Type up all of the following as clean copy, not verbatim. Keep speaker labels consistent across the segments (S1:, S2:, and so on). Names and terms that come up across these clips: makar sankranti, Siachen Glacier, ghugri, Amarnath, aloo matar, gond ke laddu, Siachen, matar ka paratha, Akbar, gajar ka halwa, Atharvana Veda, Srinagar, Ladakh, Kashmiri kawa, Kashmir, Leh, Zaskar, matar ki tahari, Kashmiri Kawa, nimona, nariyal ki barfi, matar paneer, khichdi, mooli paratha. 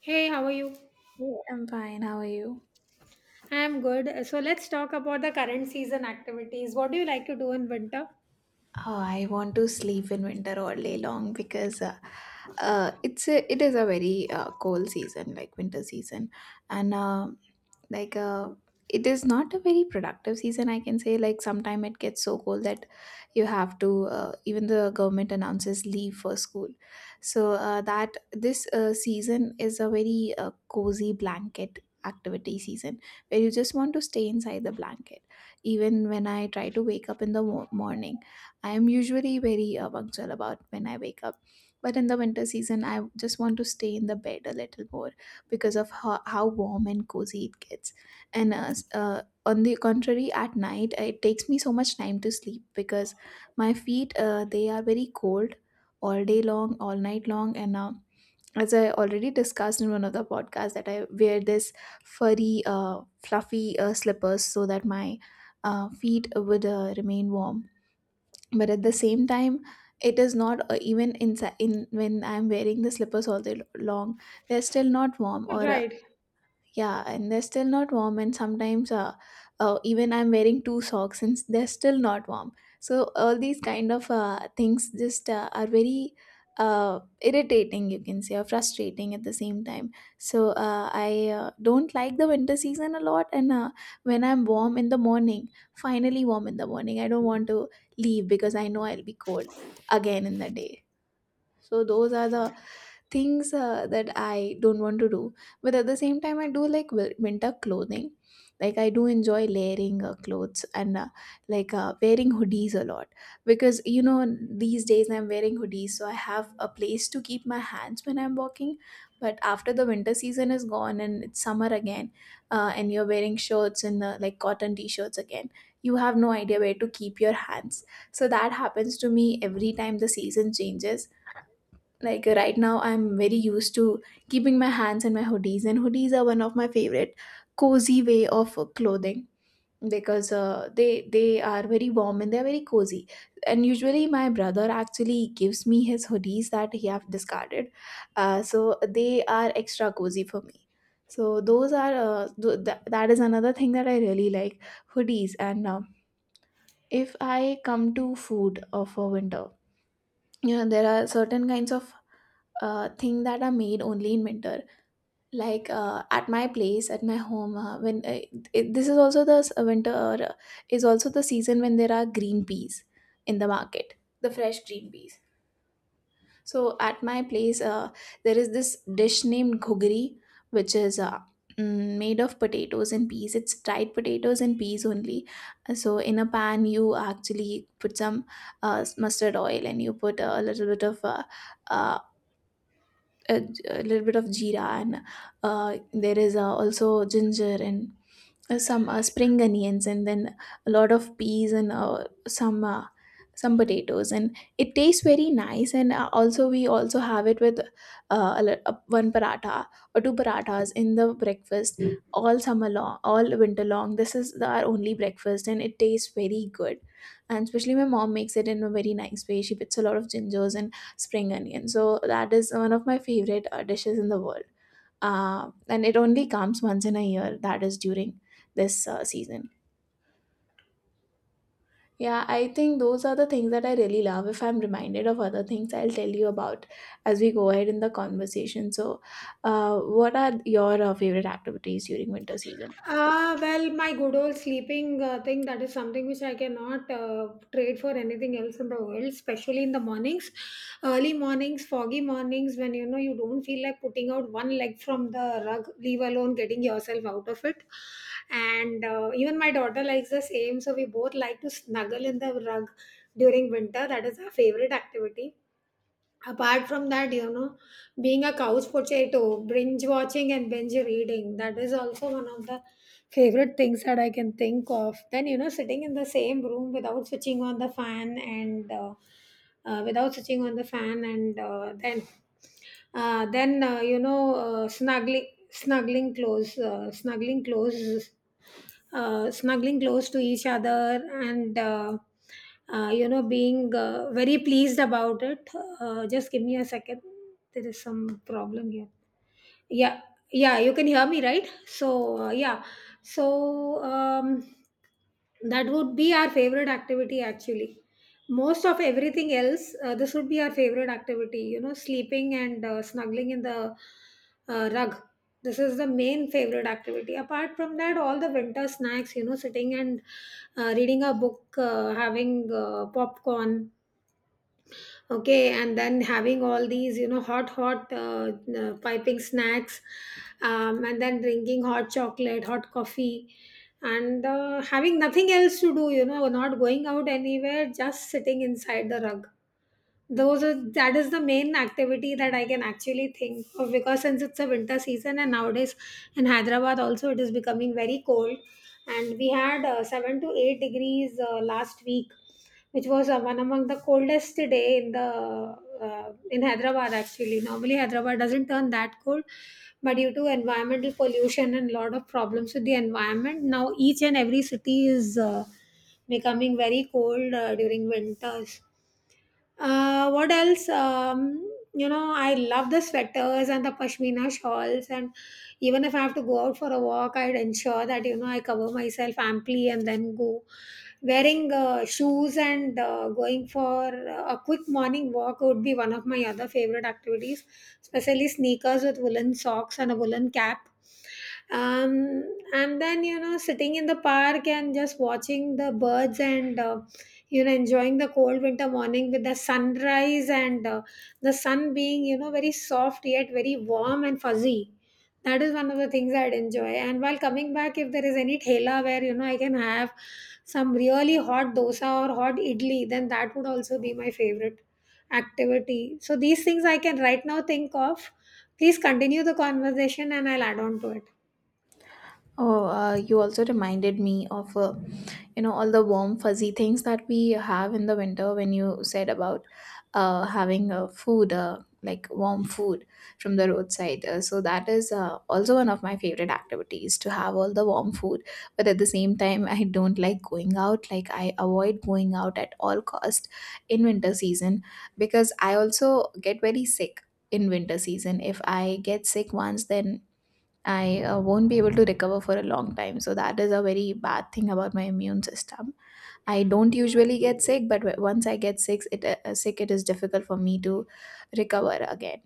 S1: Hey, how are you?
S2: Hey, I'm fine. How are you?
S1: I'm good. So let's talk about the current season activities. What do you like to do in winter?
S2: Oh, I want to sleep in winter all day long because it is a very cold season, like winter season, and like it is not a very productive season. I can say like sometime it gets so cold that you have to even the government announces leave for school. So that this season is a very cozy blanket activity season where you just want to stay inside the blanket. Even when I try to wake up in the morning, I am usually very punctual about when I wake up. But in the winter season, I just want to stay in the bed a little more because of how warm and cozy it gets. And on the contrary, at night, it takes me so much time to sleep because my feet, they are very cold all day long, all night long. And as I already discussed in one of the podcasts, that I wear this furry, fluffy slippers so that my feet would remain warm, but at the same time it is not even inside, in, when I'm wearing the slippers all day long, they're still not warm or
S1: Right.
S2: yeah, and they're still not warm. And sometimes, even I'm wearing two socks and they're still not warm. So all these kind of things just are very irritating, you can say, or frustrating at the same time. So I don't like the winter season a lot. And when I'm warm in the morning, finally warm in the morning, I don't want to leave because I know I'll be cold again in the day. So those are the things that I don't want to do. But at the same time, I do like winter clothing. Like I do enjoy layering clothes and like wearing hoodies a lot, because these days I'm wearing hoodies, so I have a place to keep my hands when I'm walking. But after the winter season is gone and it's summer again, and you're wearing shirts and like cotton t-shirts again, you have no idea where to keep your hands. So that happens to me every time the season changes, like right now I'm very used to keeping my hands in my hoodies, and hoodies are one of my favorite cozy way of clothing, because they are very warm and they're very cozy. And usually my brother actually gives me his hoodies that he have discarded, so they are extra cozy for me. So those are that is another thing that I really like, hoodies. And if I come to food for winter, there are certain kinds of thing that are made only in winter, like at my place, at my home, when this is also the winter, uh, is also the season when there are green peas in the market, the fresh green peas. So at my place, there is this dish named ghugri, which is made of potatoes and peas. It's dried potatoes and peas only. So in a pan, you actually put some mustard oil, and you put a little bit of uh, a, a little bit of jeera, and there is also ginger, and some spring onions, and then a lot of peas and some potatoes, and it tastes very nice. And also we also have it with one paratha or two parathas in the breakfast. Mm. All summer long, all winter long, this is our only breakfast, and it tastes very good. And especially my mom makes it in a very nice way, she puts a lot of gingers and spring onions, so that is one of my favorite dishes in the world. And it only comes once in a year, that is during this season. Yeah, I think those are the things that I really love. If I'm reminded of other things, I'll tell you about as we go ahead in the conversation. So, what are your favorite activities during winter season?
S1: Ah, well, my good old sleeping thing, that is something which I cannot trade for anything else in the world, especially in the mornings, early mornings, foggy mornings, when you know you don't feel like putting out one leg from the rug, leave alone getting yourself out of it. And even my daughter likes the same, so we both like to snuggle in the rug during winter. That is our favorite activity. Apart from that, you know, being a couch potato, binge watching and binge reading, that is also one of the favorite things that I can think of. Then, you know, sitting in the same room without switching on the fan and without switching on the fan, and then you know, snuggling close to each other, and you know, being very pleased about it. Just give me a second, there is some problem here. Yeah, yeah, you can hear me, right? So, yeah, so that would be our favorite activity actually. Most of everything else, this would be our favorite activity, you know, sleeping and snuggling in the rug. This is the main favorite activity. Apart from that, all the winter snacks, you know, sitting and reading a book, having popcorn, okay, and then having all these, you know, hot piping snacks, and then drinking hot chocolate, hot coffee, and having nothing else to do, you know, not going out anywhere, just sitting inside the rug. Those are that is the main activity that I can actually think of, because since it's a winter season, and nowadays in Hyderabad also it is becoming very cold, and we had 7 to 8 degrees last week, which was one among the coldest day in the in Hyderabad. Actually, normally Hyderabad doesn't turn that cold, but due to environmental pollution and lot of problems with the environment, now each and every city is becoming very cold during winters. What else, you know, I love the sweaters and the pashmina shawls, and even if I have to go out for a walk, I'd ensure that, you know, I cover myself amply and then go wearing shoes, and going for a quick morning walk would be one of my other favorite activities, especially sneakers with woolen socks and a woolen cap. um, and then, you know, sitting in the park and just watching the birds, and you know, enjoying the cold winter morning with the sunrise, and the sun being, you know, very soft yet very warm and fuzzy. That is one of the things I'd enjoy. And while coming back, if there is any thela where, you know, I can have some really hot dosa or hot idli, then that would also be my favorite activity. So these things I can right now think of. Please continue the conversation and I'll add on to it.
S2: Oh, you also reminded me of, all the warm, fuzzy things that we have in the winter, when you said about having food, like warm food from the roadside. So that is also one of my favorite activities, to have all the warm food. But at the same time, I don't like going out. Like I avoid going out at all cost in winter season, because I also get very sick in winter season. If I get sick once, then I won't be able to recover for a long time. So that is a very bad thing about my immune system. I don't usually get sick, but once I get sick, it is difficult for me to recover again.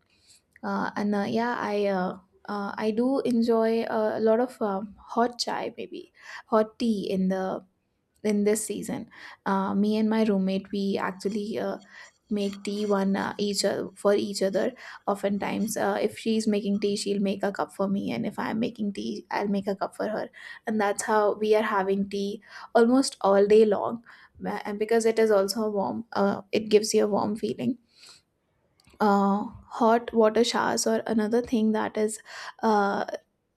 S2: And yeah, I do enjoy a lot of hot chai, maybe hot tea, in the in this season. Me and my roommate, we actually make tea one each for each other. Oftentimes, if she's making tea, she'll make a cup for me, and if I'm making tea, I'll make a cup for her, and that's how we are having tea almost all day long. And because it is also warm, it gives you a warm feeling. Hot water showers or another thing that is uh,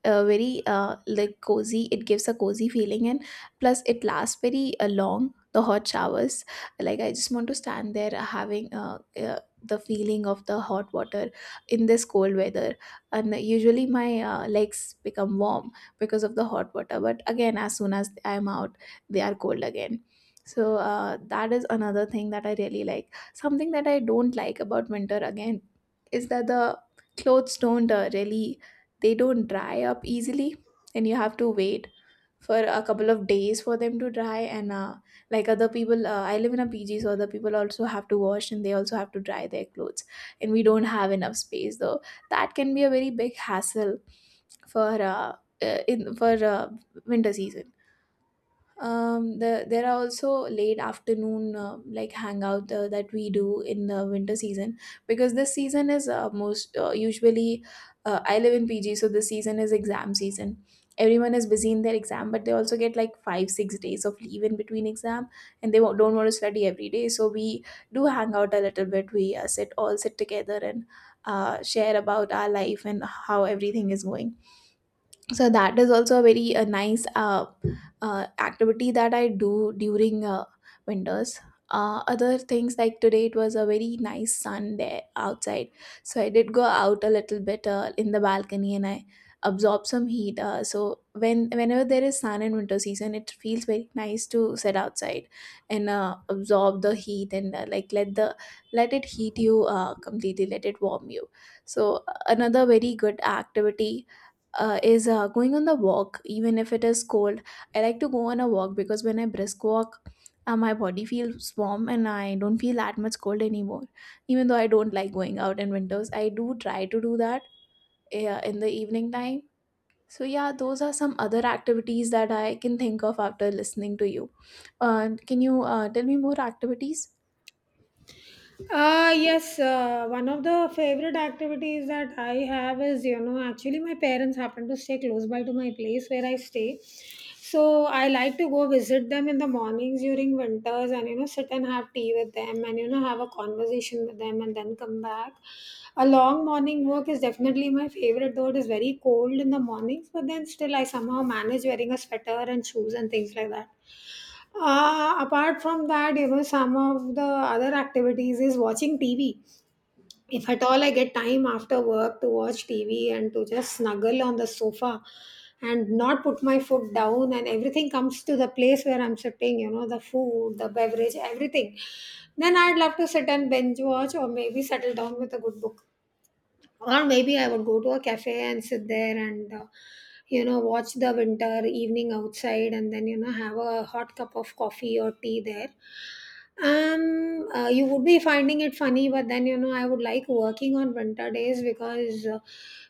S2: very like cozy, it gives a cozy feeling. And plus it lasts very long, the hot showers, like I just want to stand there having the feeling of the hot water in this cold weather. And usually my legs become warm because of the hot water, but again, as soon as I'm out, they are cold again. So that is another thing that I really like. Something that I don't like about winter again is that the clothes don't really, they don't dry up easily, and you have to wait for a couple of days for them to dry. And like other people, I live in a PG, so other people also have to wash and they also have to dry their clothes, and we don't have enough space, though. That can be a very big hassle for in for winter season. There are also late afternoon like hangout that we do in the winter season, because this season is most usually, I live in PG, so this season is exam season. Everyone is busy in their exam, but they also get like 5 6 days of leave in between exam, and they don't want to study every day. So we do hang out a little bit. We sit all sit together and share about our life and how everything is going. So that is also a very nice activity that I do during winters. Other things, like today it was a very nice sun there outside, so I did go out a little bit in the balcony and I absorb some heat. So whenever there is sun in winter season, it feels very nice to sit outside and absorb the heat, and like let it heat you completely, let it warm you. So another very good activity is going on the walk, even if it is cold, I like to go on a walk, because when I brisk walk, my body feels warm and I don't feel that much cold anymore. Even though I don't like going out in winters, I do try to do that in the evening time. So yeah, those are some other activities that I can think of after listening to you. Can you tell me more activities?
S1: Yes, one of the favorite activities that I have is, you know, actually my parents happen to stay close by to my place where I stay. So I like to go visit them in the mornings during winters and, you know, sit and have tea with them and, you know, have a conversation with them and then come back. A long morning walk is definitely my favorite, though it is very cold in the mornings, but then still I somehow manage wearing a sweater and shoes and things like that. Apart from that, you know, some of the other activities is watching TV. If at all I get time after work to watch TV and to just snuggle on the sofa and not put my foot down, and everything comes to the place where I'm sitting, you know, the food, the beverage, everything, then I'd love to sit and binge watch, or maybe settle down with a good book, or maybe I would go to a cafe and sit there and, you know, watch the winter evening outside, and then, you know, have a hot cup of coffee or tea there. You would be finding it funny, but then, you know, I would like working on winter days, because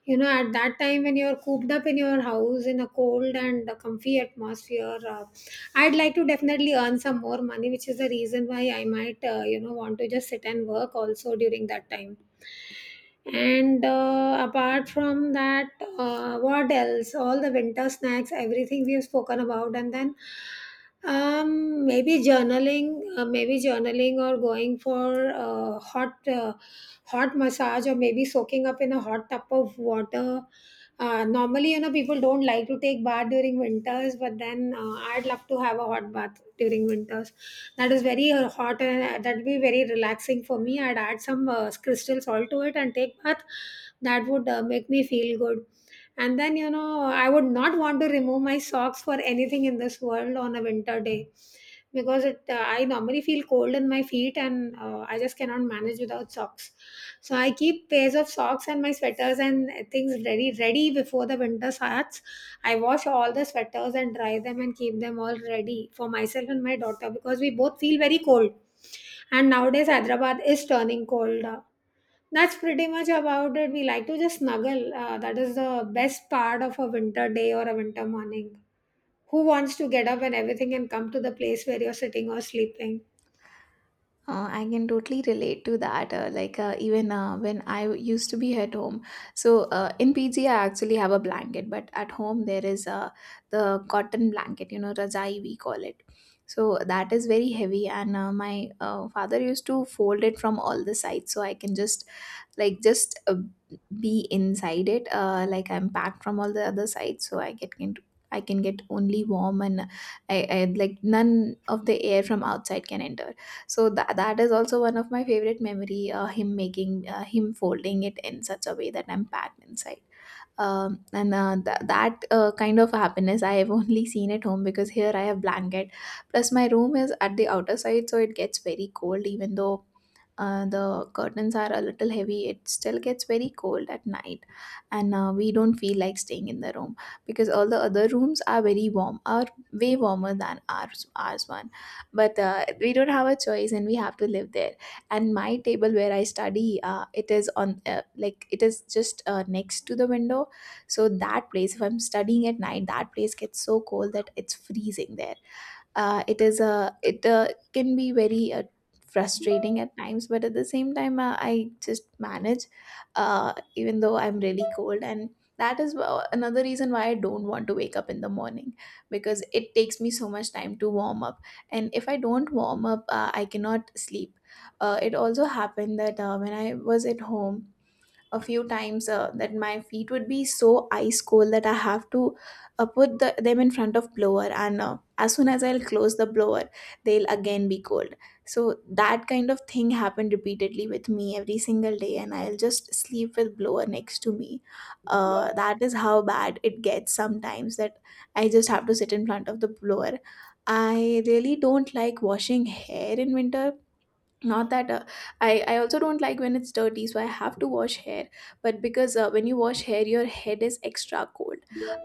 S1: you know, at that time when you're cooped up in your house in a cold and a comfy atmosphere, I'd like to definitely earn some more money, which is the reason why I might, you know, want to just sit and work also during that time. And apart from that, what else, all the winter snacks, everything we have spoken about. And then, maybe journaling, maybe journaling, or going for hot massage, or maybe soaking up in a hot tub of water. Normally, you know, people don't like to take bath during winters, but then I'd love to have a hot bath during winters, that is very hot, and that would be very relaxing for me. I'd add some crystal salt to it and take bath, that would make me feel good. And then, you know, I would not want to remove my socks for anything in this world on a winter day, because it I normally feel cold in my feet, and I just cannot manage without socks. So I keep pairs of socks, and my sweaters and things ready before the winter starts. I wash all the sweaters and dry them and keep them all ready for myself and my daughter, because we both feel very cold, and nowadays Hyderabad is turning cold. That's pretty much about it. We like to just snuggle, that is the best part of a winter day or a winter morning. Who wants to get up and everything and come to the place where you're sitting or sleeping?
S2: I can totally relate to that. Like even when I used to be at home, so in PG I actually have a blanket, but at home there is the cotton blanket, you know, rajai we call it. So that is very heavy, and my father used to fold it from all the sides, so I can just, like, just be inside it, like I'm packed from all the other sides, so I can get only warm, and I like none of the air from outside can enter. So that is also one of my favorite memory. Him making him folding it in such a way that I'm packed inside and that kind of happiness I have only seen at home, because here I have blanket, plus my room is at the outer side, so it gets very cold. Even though the curtains are a little heavy, it still gets very cold at night, and we don't feel like staying in the room, because all the other rooms are very warm, are way warmer than ours one. But we don't have a choice and we have to live there. And my table where I study, it is just next to the window. So that place, if I'm studying at night, that place gets so cold that it's freezing there. It is a it can be very frustrating at times, but at the same time, I just manage, even though I'm really cold and. That is another reason why I don't want to wake up in the morning, because it takes me so much time to warm up. And if I don't warm up, I cannot sleep. It also happened that when I was at home, a few times that my feet would be so ice cold that I have to put them in front of blower, and as soon as I'll close the blower they'll again be cold. So that kind of thing happened repeatedly with me every single day, and I'll just sleep with blower next to me. That is how bad it gets sometimes, that I just have to sit in front of the blower. I really don't like washing hair in winter. Not that I also don't like when it's dirty, so I have to wash hair, but because when you wash hair your head is extra cold.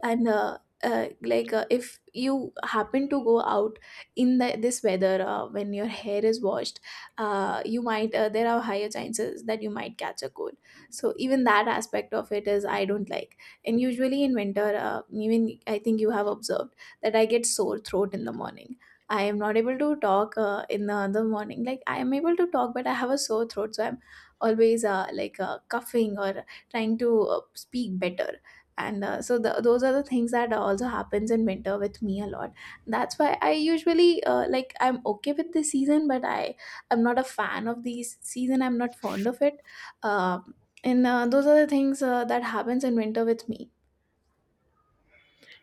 S2: And if you happen to go out in this weather when your hair is washed, you might there are higher chances that you might catch a cold. So even that aspect of it is, I don't like. And usually in winter, even I think you have observed that I get sore throat in the morning. I am not able to talk in the other morning. Like, I am able to talk, but I have a sore throat, so I'm always coughing or trying to speak better. And so those are the things that also happens in winter with me a lot. That's why I usually, I'm okay with this season, but I'm not a fan of these season. I'm not fond of it. Um and those are the things that happens in winter with me.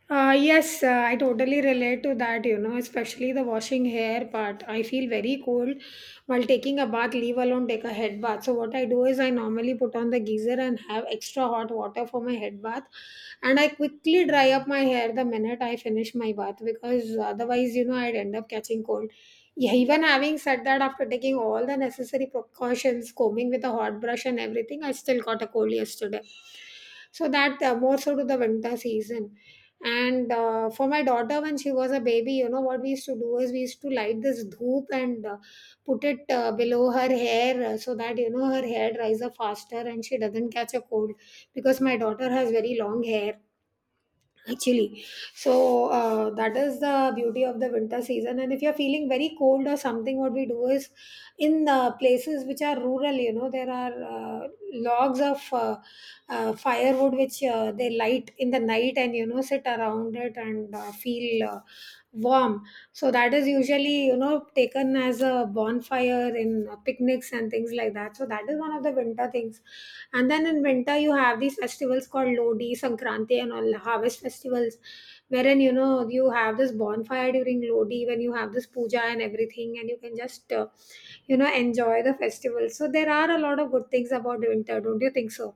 S1: Yes, I totally relate to that, you know, especially the washing hair part. I feel very cold while taking a bath, leave alone take a head bath. So what I do is I normally put on the geyser and have extra hot water for my head bath, and I quickly dry up my hair the minute I finish my bath, because otherwise, you know, I'd end up catching cold. Yeah, even having said that, after taking all the necessary precautions, combing with a hot brush and everything, I still got a cold yesterday. So that, more so to the winter season. And for my daughter, when she was a baby, you know what we used to do is, we used to light this dhoop and put it below her hair, so that, you know, her hair dries up faster and she doesn't catch a cold, because my daughter has very long hair, actually. So that is the beauty of the winter season. And if you're feeling very cold or something, what we do is, in places which are rural, you know, there are logs of firewood, which they light in the night, and you know, sit around it and feel warm. So that is usually, you know, taken as a bonfire in picnics and things like that. So that is one of the winter things. And then in winter, you have these festivals called Lodi, Sankranti, and all harvest festivals, wherein, you know, you have this bonfire during Lodi when you have this puja and everything, and you can just, you know, enjoy the festival. So there are a lot of good things about winter, don't you think so?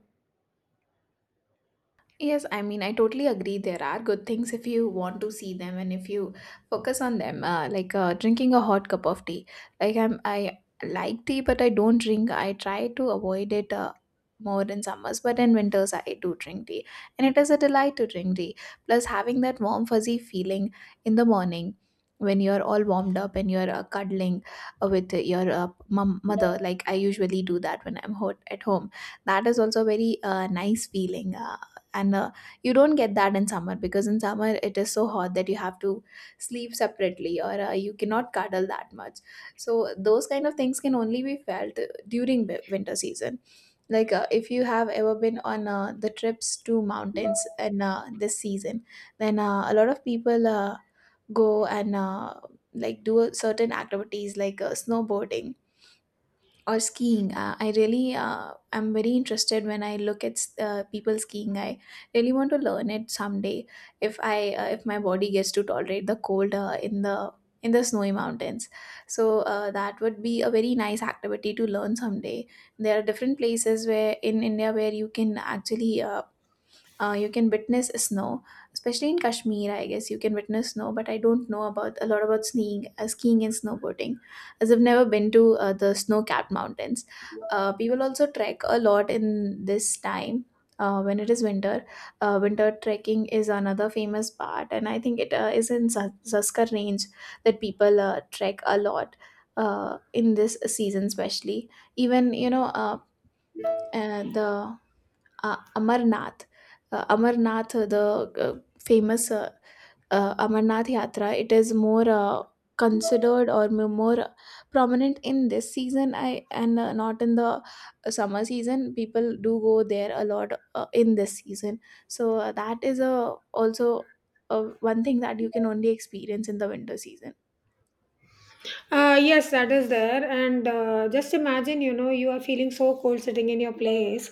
S2: Yes, I mean, I totally agree. There are good things if you want to see them and if you focus on them, like drinking a hot cup of tea. Like, I like tea, but I don't drink. I try to avoid it more in summers, but in winters I do drink tea, and it is a delight to drink tea. Plus, having that warm fuzzy feeling in the morning when you're all warmed up and you're cuddling with your mum mother, like I usually do that when I'm hot at home. That is also a very nice feeling. And you don't get that in summer, because in summer it is so hot that you have to sleep separately, or you cannot cuddle that much. So those kind of things can only be felt during winter season. Like, if you have ever been on the trips to mountains in this season, then a lot of people go and do certain activities like snowboarding or skiing. I really am very interested when I look at people skiing. I really want to learn it someday, if my body gets to tolerate the cold in the snowy mountains. So that would be a very nice activity to learn someday. There are different places where in India where you can actually you can witness snow, especially in Kashmir. I guess you can witness snow, but I don't know about a lot about skiing, and snowboarding, as I've never been to the snow-capped mountains. People also trek a lot in this time. When it is winter, winter trekking is another famous part, and I think it is in Zaskar range that people trek a lot in this season, especially. Even you know, the Amarnath. Amarnath, the famous Amarnath Yatra, it is more considered or more prominent in this season, I and not in the summer season. People do go there a lot in this season. So that is also one thing that you can only experience in the winter season.
S1: Yes, that is there. And just imagine, you know, you are feeling so cold sitting in your place.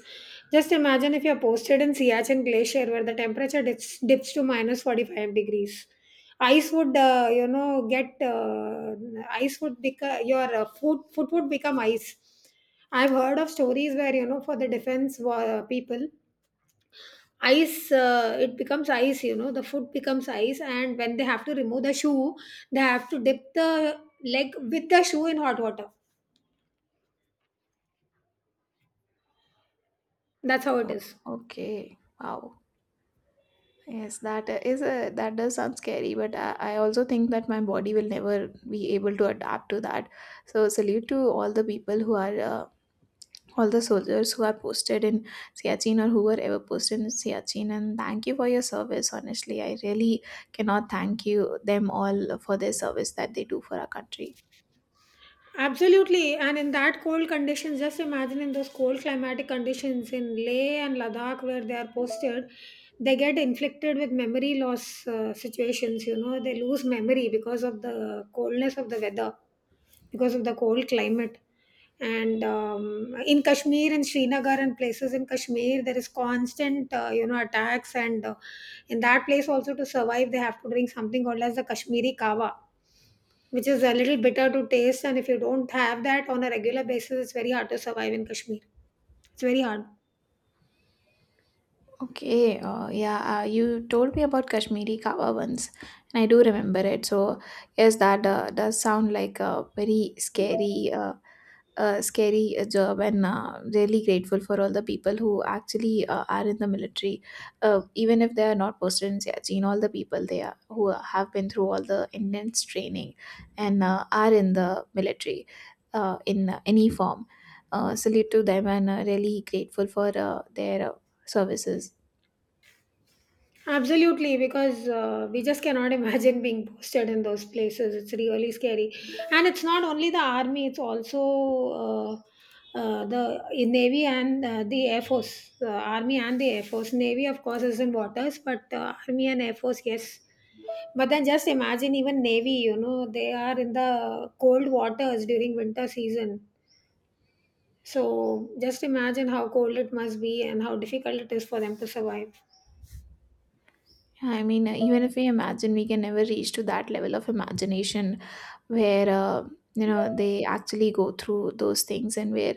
S1: Just imagine if you're posted in Siachen Glacier where the temperature dips to minus 45 degrees. Ice would, you know, get, ice would become your foot foot would become ice. I've heard of stories where, you know, for the defense people, ice, it becomes ice, you know, the foot becomes ice, and when they have to remove the shoe, they have to dip the leg with the shoe in hot water. That's how it
S2: Oh,
S1: is.
S2: okay. Wow. Yes, that is a that does sound scary, but I also think that my body will never be able to adapt to that. So salute to all the soldiers who are posted in Siachin, or who were ever posted in Siachin. And thank you for your service. Honestly, I really cannot thank you them all for their service that they do for our country.
S1: Absolutely, and in that cold conditions, just imagine, in those cold climatic conditions in Leh and Ladakh where they are posted, they get inflicted with memory loss situations. You know, they lose memory because of the coldness of the weather, because of the cold climate. And in Kashmir, in Srinagar, and places in Kashmir, there is constant, you know, attacks. And in that place also, to survive, they have to drink something called as the Kashmiri kawa which is a little bitter to taste. And if you don't have that on a regular basis, it's very hard to survive in Kashmir. It's very hard.
S2: Okay, yeah, you told me about Kashmiri Kawa once, and I do remember it. So, yes, that does sound like a very scary job, and really grateful for all the people who actually are in the military, even if they are not posted in Siachen. All the people they are who have been through all the intense training, and are in the military, in any form. Salute to them, and really grateful for their services.
S1: Absolutely, because we just cannot imagine being posted in those places. It's really scary. And it's not only the army, it's also the Navy and the Air Force, Army and the Air Force. Navy, of course, is in waters, but Army and Air Force, yes. But then just imagine even Navy, you know, they are in the cold waters during winter season. So just imagine how cold it must be and how difficult it is for them to survive.
S2: I mean, even if we imagine, we can never reach to that level of imagination where, they actually go through those things, and where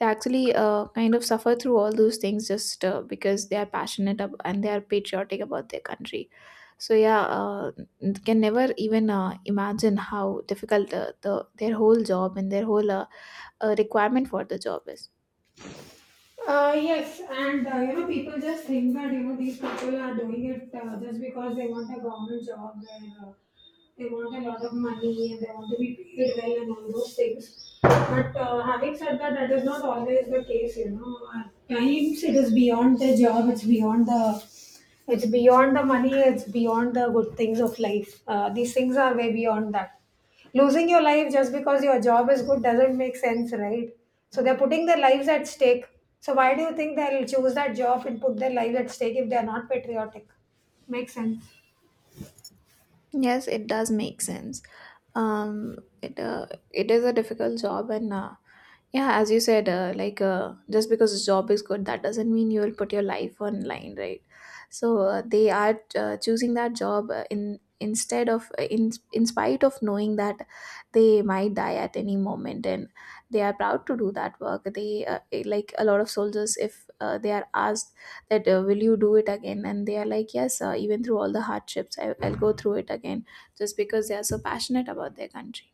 S2: they actually kind of suffer through all those things, just because they are and they are patriotic about their country. So, yeah, can never even imagine how difficult their whole job and their whole requirement for the job is.
S1: Yes, and you know, people just think that you know these people are doing it just because they want a government job where they want a lot of money and they want to be paid well and all those things. But having said that, that is not always the case. You know, at times it is beyond the job, it's beyond the money, it's beyond the good things of life. These things are way beyond that. Losing your life just because your job is good doesn't make sense, right? So they're putting their lives at stake. So why do you think they'll choose that job and put their lives at stake if they're not patriotic? Makes sense.
S2: Yes, it does make sense. Um, it uh, it is a difficult job, and yeah, as you said, just because the job is good, that doesn't mean you will put your life on line, right? So they are choosing that job in spite of knowing that they might die at any moment, and they are proud to do that work. They Like, a lot of soldiers, if they are asked that will you do it again, and they are like, yes, even through all the hardships, I'll go through it again, just because they are so passionate about their country.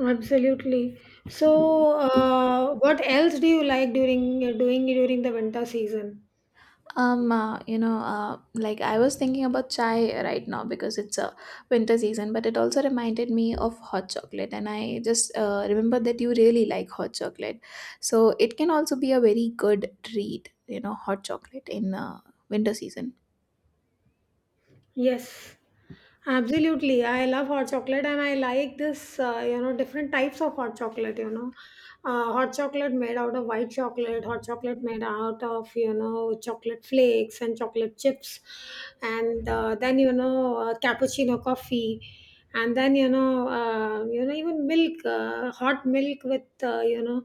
S1: Absolutely. So, what else do you like during doing during the winter season?
S2: um uh, you know uh, I was thinking about chai right now, because it's a winter season, but it also reminded me of hot chocolate, and I just remember that you really like hot chocolate. So it can also be a very good treat, hot chocolate in winter season.
S1: Yes, absolutely. I love hot chocolate and I like this, you know, different types of hot chocolate, you know. Hot chocolate made out of white chocolate, hot chocolate made out of, you know, chocolate flakes and chocolate chips, and then, you know, cappuccino coffee. And then you know, even milk, hot milk with you know,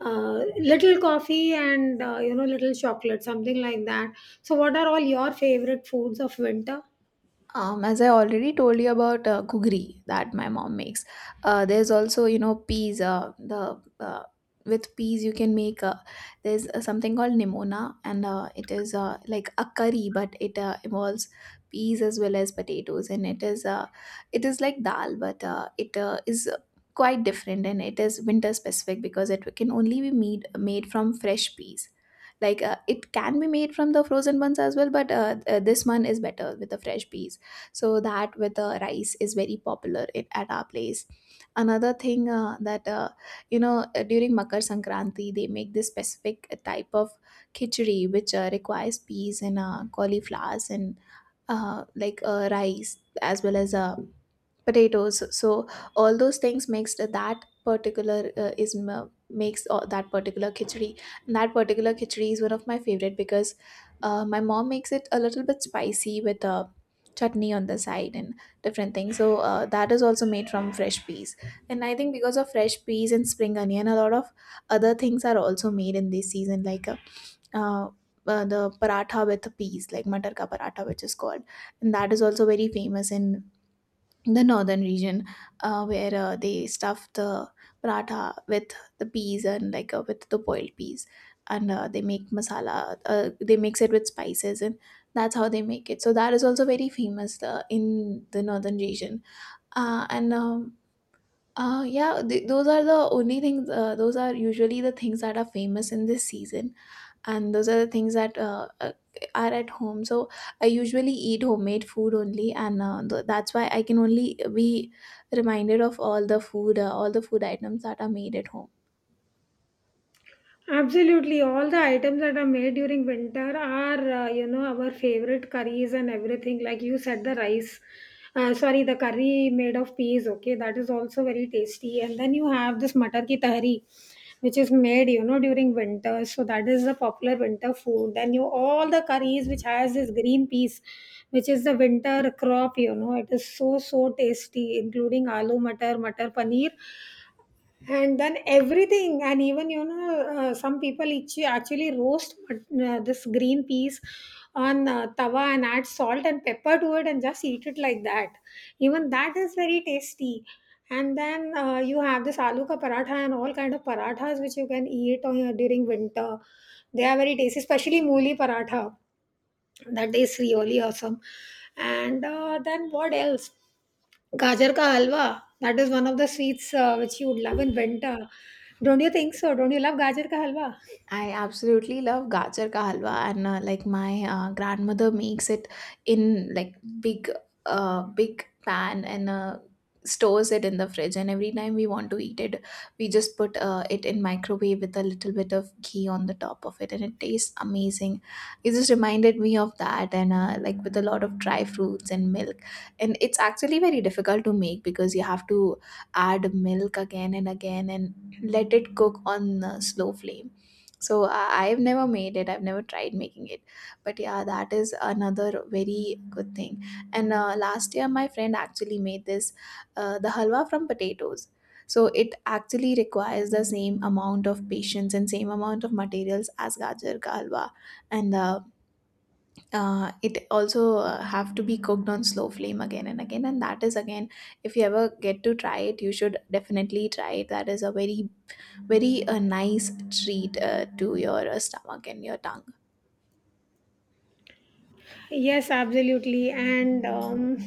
S1: little coffee and you know, little chocolate, something like that. So, what are all your favorite foods of winter?
S2: As I already told you about gugri that my mom makes, there's also, peas. The with peas you can make There's something called nimona, and it is like a curry, but it involves peas as well as potatoes, and it is like dal, but it is quite different, and it is winter specific because it can only be made from fresh peas. Like, it can be made from the frozen ones as well, but this one is better with the fresh peas. So that with the rice is very popular, at our place. Another thing that during makar sankranti they make this specific type of khichdi, which requires peas and cauliflowers and rice as well as potatoes. So all those things makes the- that particular is m- makes that particular khichdi. And that particular khichdi is one of my favorite, because my mom makes it a little bit spicy with chutney on the side and different things. So that is also made from fresh peas. And I think because of fresh peas and spring onion, a lot of other things are also made in this season, like uh, the paratha with peas, like matar ka paratha, which is called, and that is also very famous in the northern region, where they stuff the paratha with the peas and with the boiled peas, and they make masala. They mix it with spices, and that's how they make it. So that is also very famous in the northern region. And yeah, those are usually the things that are famous in this season, and those are the things that are at home. So I usually eat homemade food only, and that's why I can only be reminded of all the food items that are made at home.
S1: Absolutely, all the items that are made during winter are, you know, our favorite curries and everything. Like you said, the rice, sorry, the curry made of peas, okay, that is also very tasty. And then you have this matar ki tahari, which is made, you know, during winter. So that is the popular winter food. Then you all the curries which has this green peas, which is the winter crop, you know, it is so so tasty, including aloo matar, matar paneer and then everything and even you know some people actually roast this green peas on tawa and add salt and pepper to it and just eat it like that. Even that is very tasty. And then you have this aloo ka paratha and all kind of parathas which you can eat on, during winter. They are very tasty, especially mooli paratha. That is really awesome. And then what else? Gajar ka halwa. That is one of the sweets which you would love in winter. Don't you think so? Don't you love gajar ka halwa?
S2: I absolutely love gajar ka halwa, and my grandmother makes it in like, big, big pan, and stores it in the fridge. And every time we want to eat it, we just put it in microwave with a little bit of ghee on the top of it, and it tastes amazing. It just reminded me of that, and with a lot of dry fruits and milk. And it's actually very difficult to make, because you have to add milk again and again and let it cook on slow flame, so I've never made it. I've never tried making it. But yeah, that is another very good thing. And last year, my friend actually made this, the halwa from potatoes. So it actually requires the same amount of patience and same amount of materials as gajar ka halwa, and it also have to be cooked on slow flame again and again. And that is, again, if you ever get to try it, you should definitely try it. That is a very, very a nice treat to your stomach and your tongue.
S1: Yes, absolutely. And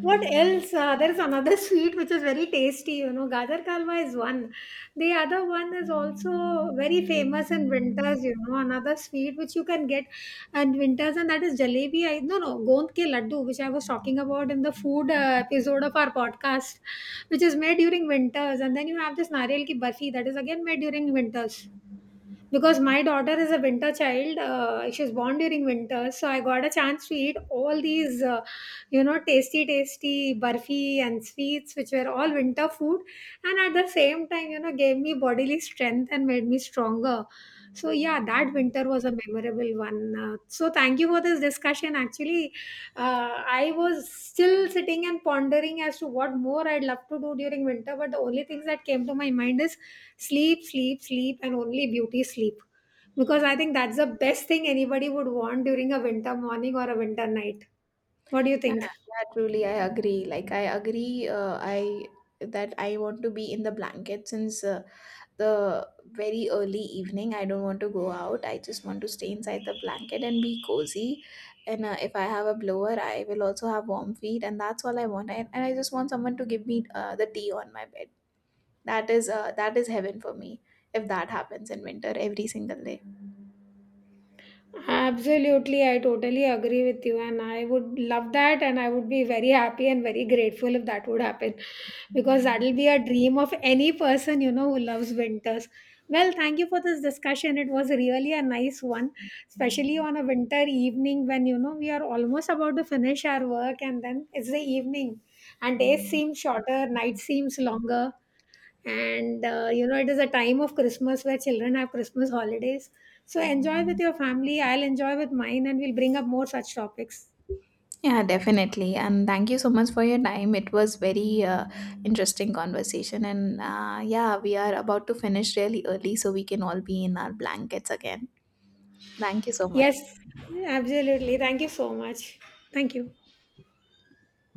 S1: what else? There's another sweet which is very tasty. You know, Gajar Kalwa is one. The other one is also very famous in winters. You know, another sweet which you can get in winters, and that is jalebi. I no, gond ke laddu, which I was talking about in the food episode of our podcast, which is made during winters, and then you have this nariyal ki barfi that is again made during winters because my daughter is a winter child. She was born during winter, so I got a chance to eat all these you know, tasty tasty burfi and sweets which were all winter food, and at the same time, you know, gave me bodily strength and made me stronger. So yeah, that winter was a memorable one. So thank you for this discussion. Actually, I was still sitting and pondering as to what more I'd love to do during winter, but the only things that came to my mind is sleep, sleep, sleep, and only beauty sleep. Because I think that's the best thing anybody would want during a winter morning or a winter night. What do you
S2: Yeah,
S1: think?
S2: yeah, truly, I agree. Like, I agree. I want to be in the blanket since the very early evening. I don't want to go out. I just want to stay inside the blanket and be cozy. And if I have a blower, I will also have warm feet, and that's all I want. And I just want someone to give me the tea on my bed. That is heaven for me, if that happens in winter every single day.
S1: Absolutely, I totally agree with you, and I would love that, and I would be very happy and very grateful if that would happen because that'll be a dream of any person you know who loves winters. Well, thank you for this discussion. It was really a nice one, especially on a winter evening when you know we are almost about to finish our work, and then it's the evening, and days seem shorter, night seems longer. And you know, it is a time of Christmas where children have Christmas holidays. So enjoy with your family, I'll enjoy with mine, and we'll bring up more such topics.
S2: Yeah, definitely. And thank you so much for your time. It was very interesting conversation. And yeah, we are about to finish really early, so we can all be in our blankets again. Thank you so
S1: Yes,
S2: much.
S1: absolutely, thank you so much. Thank you.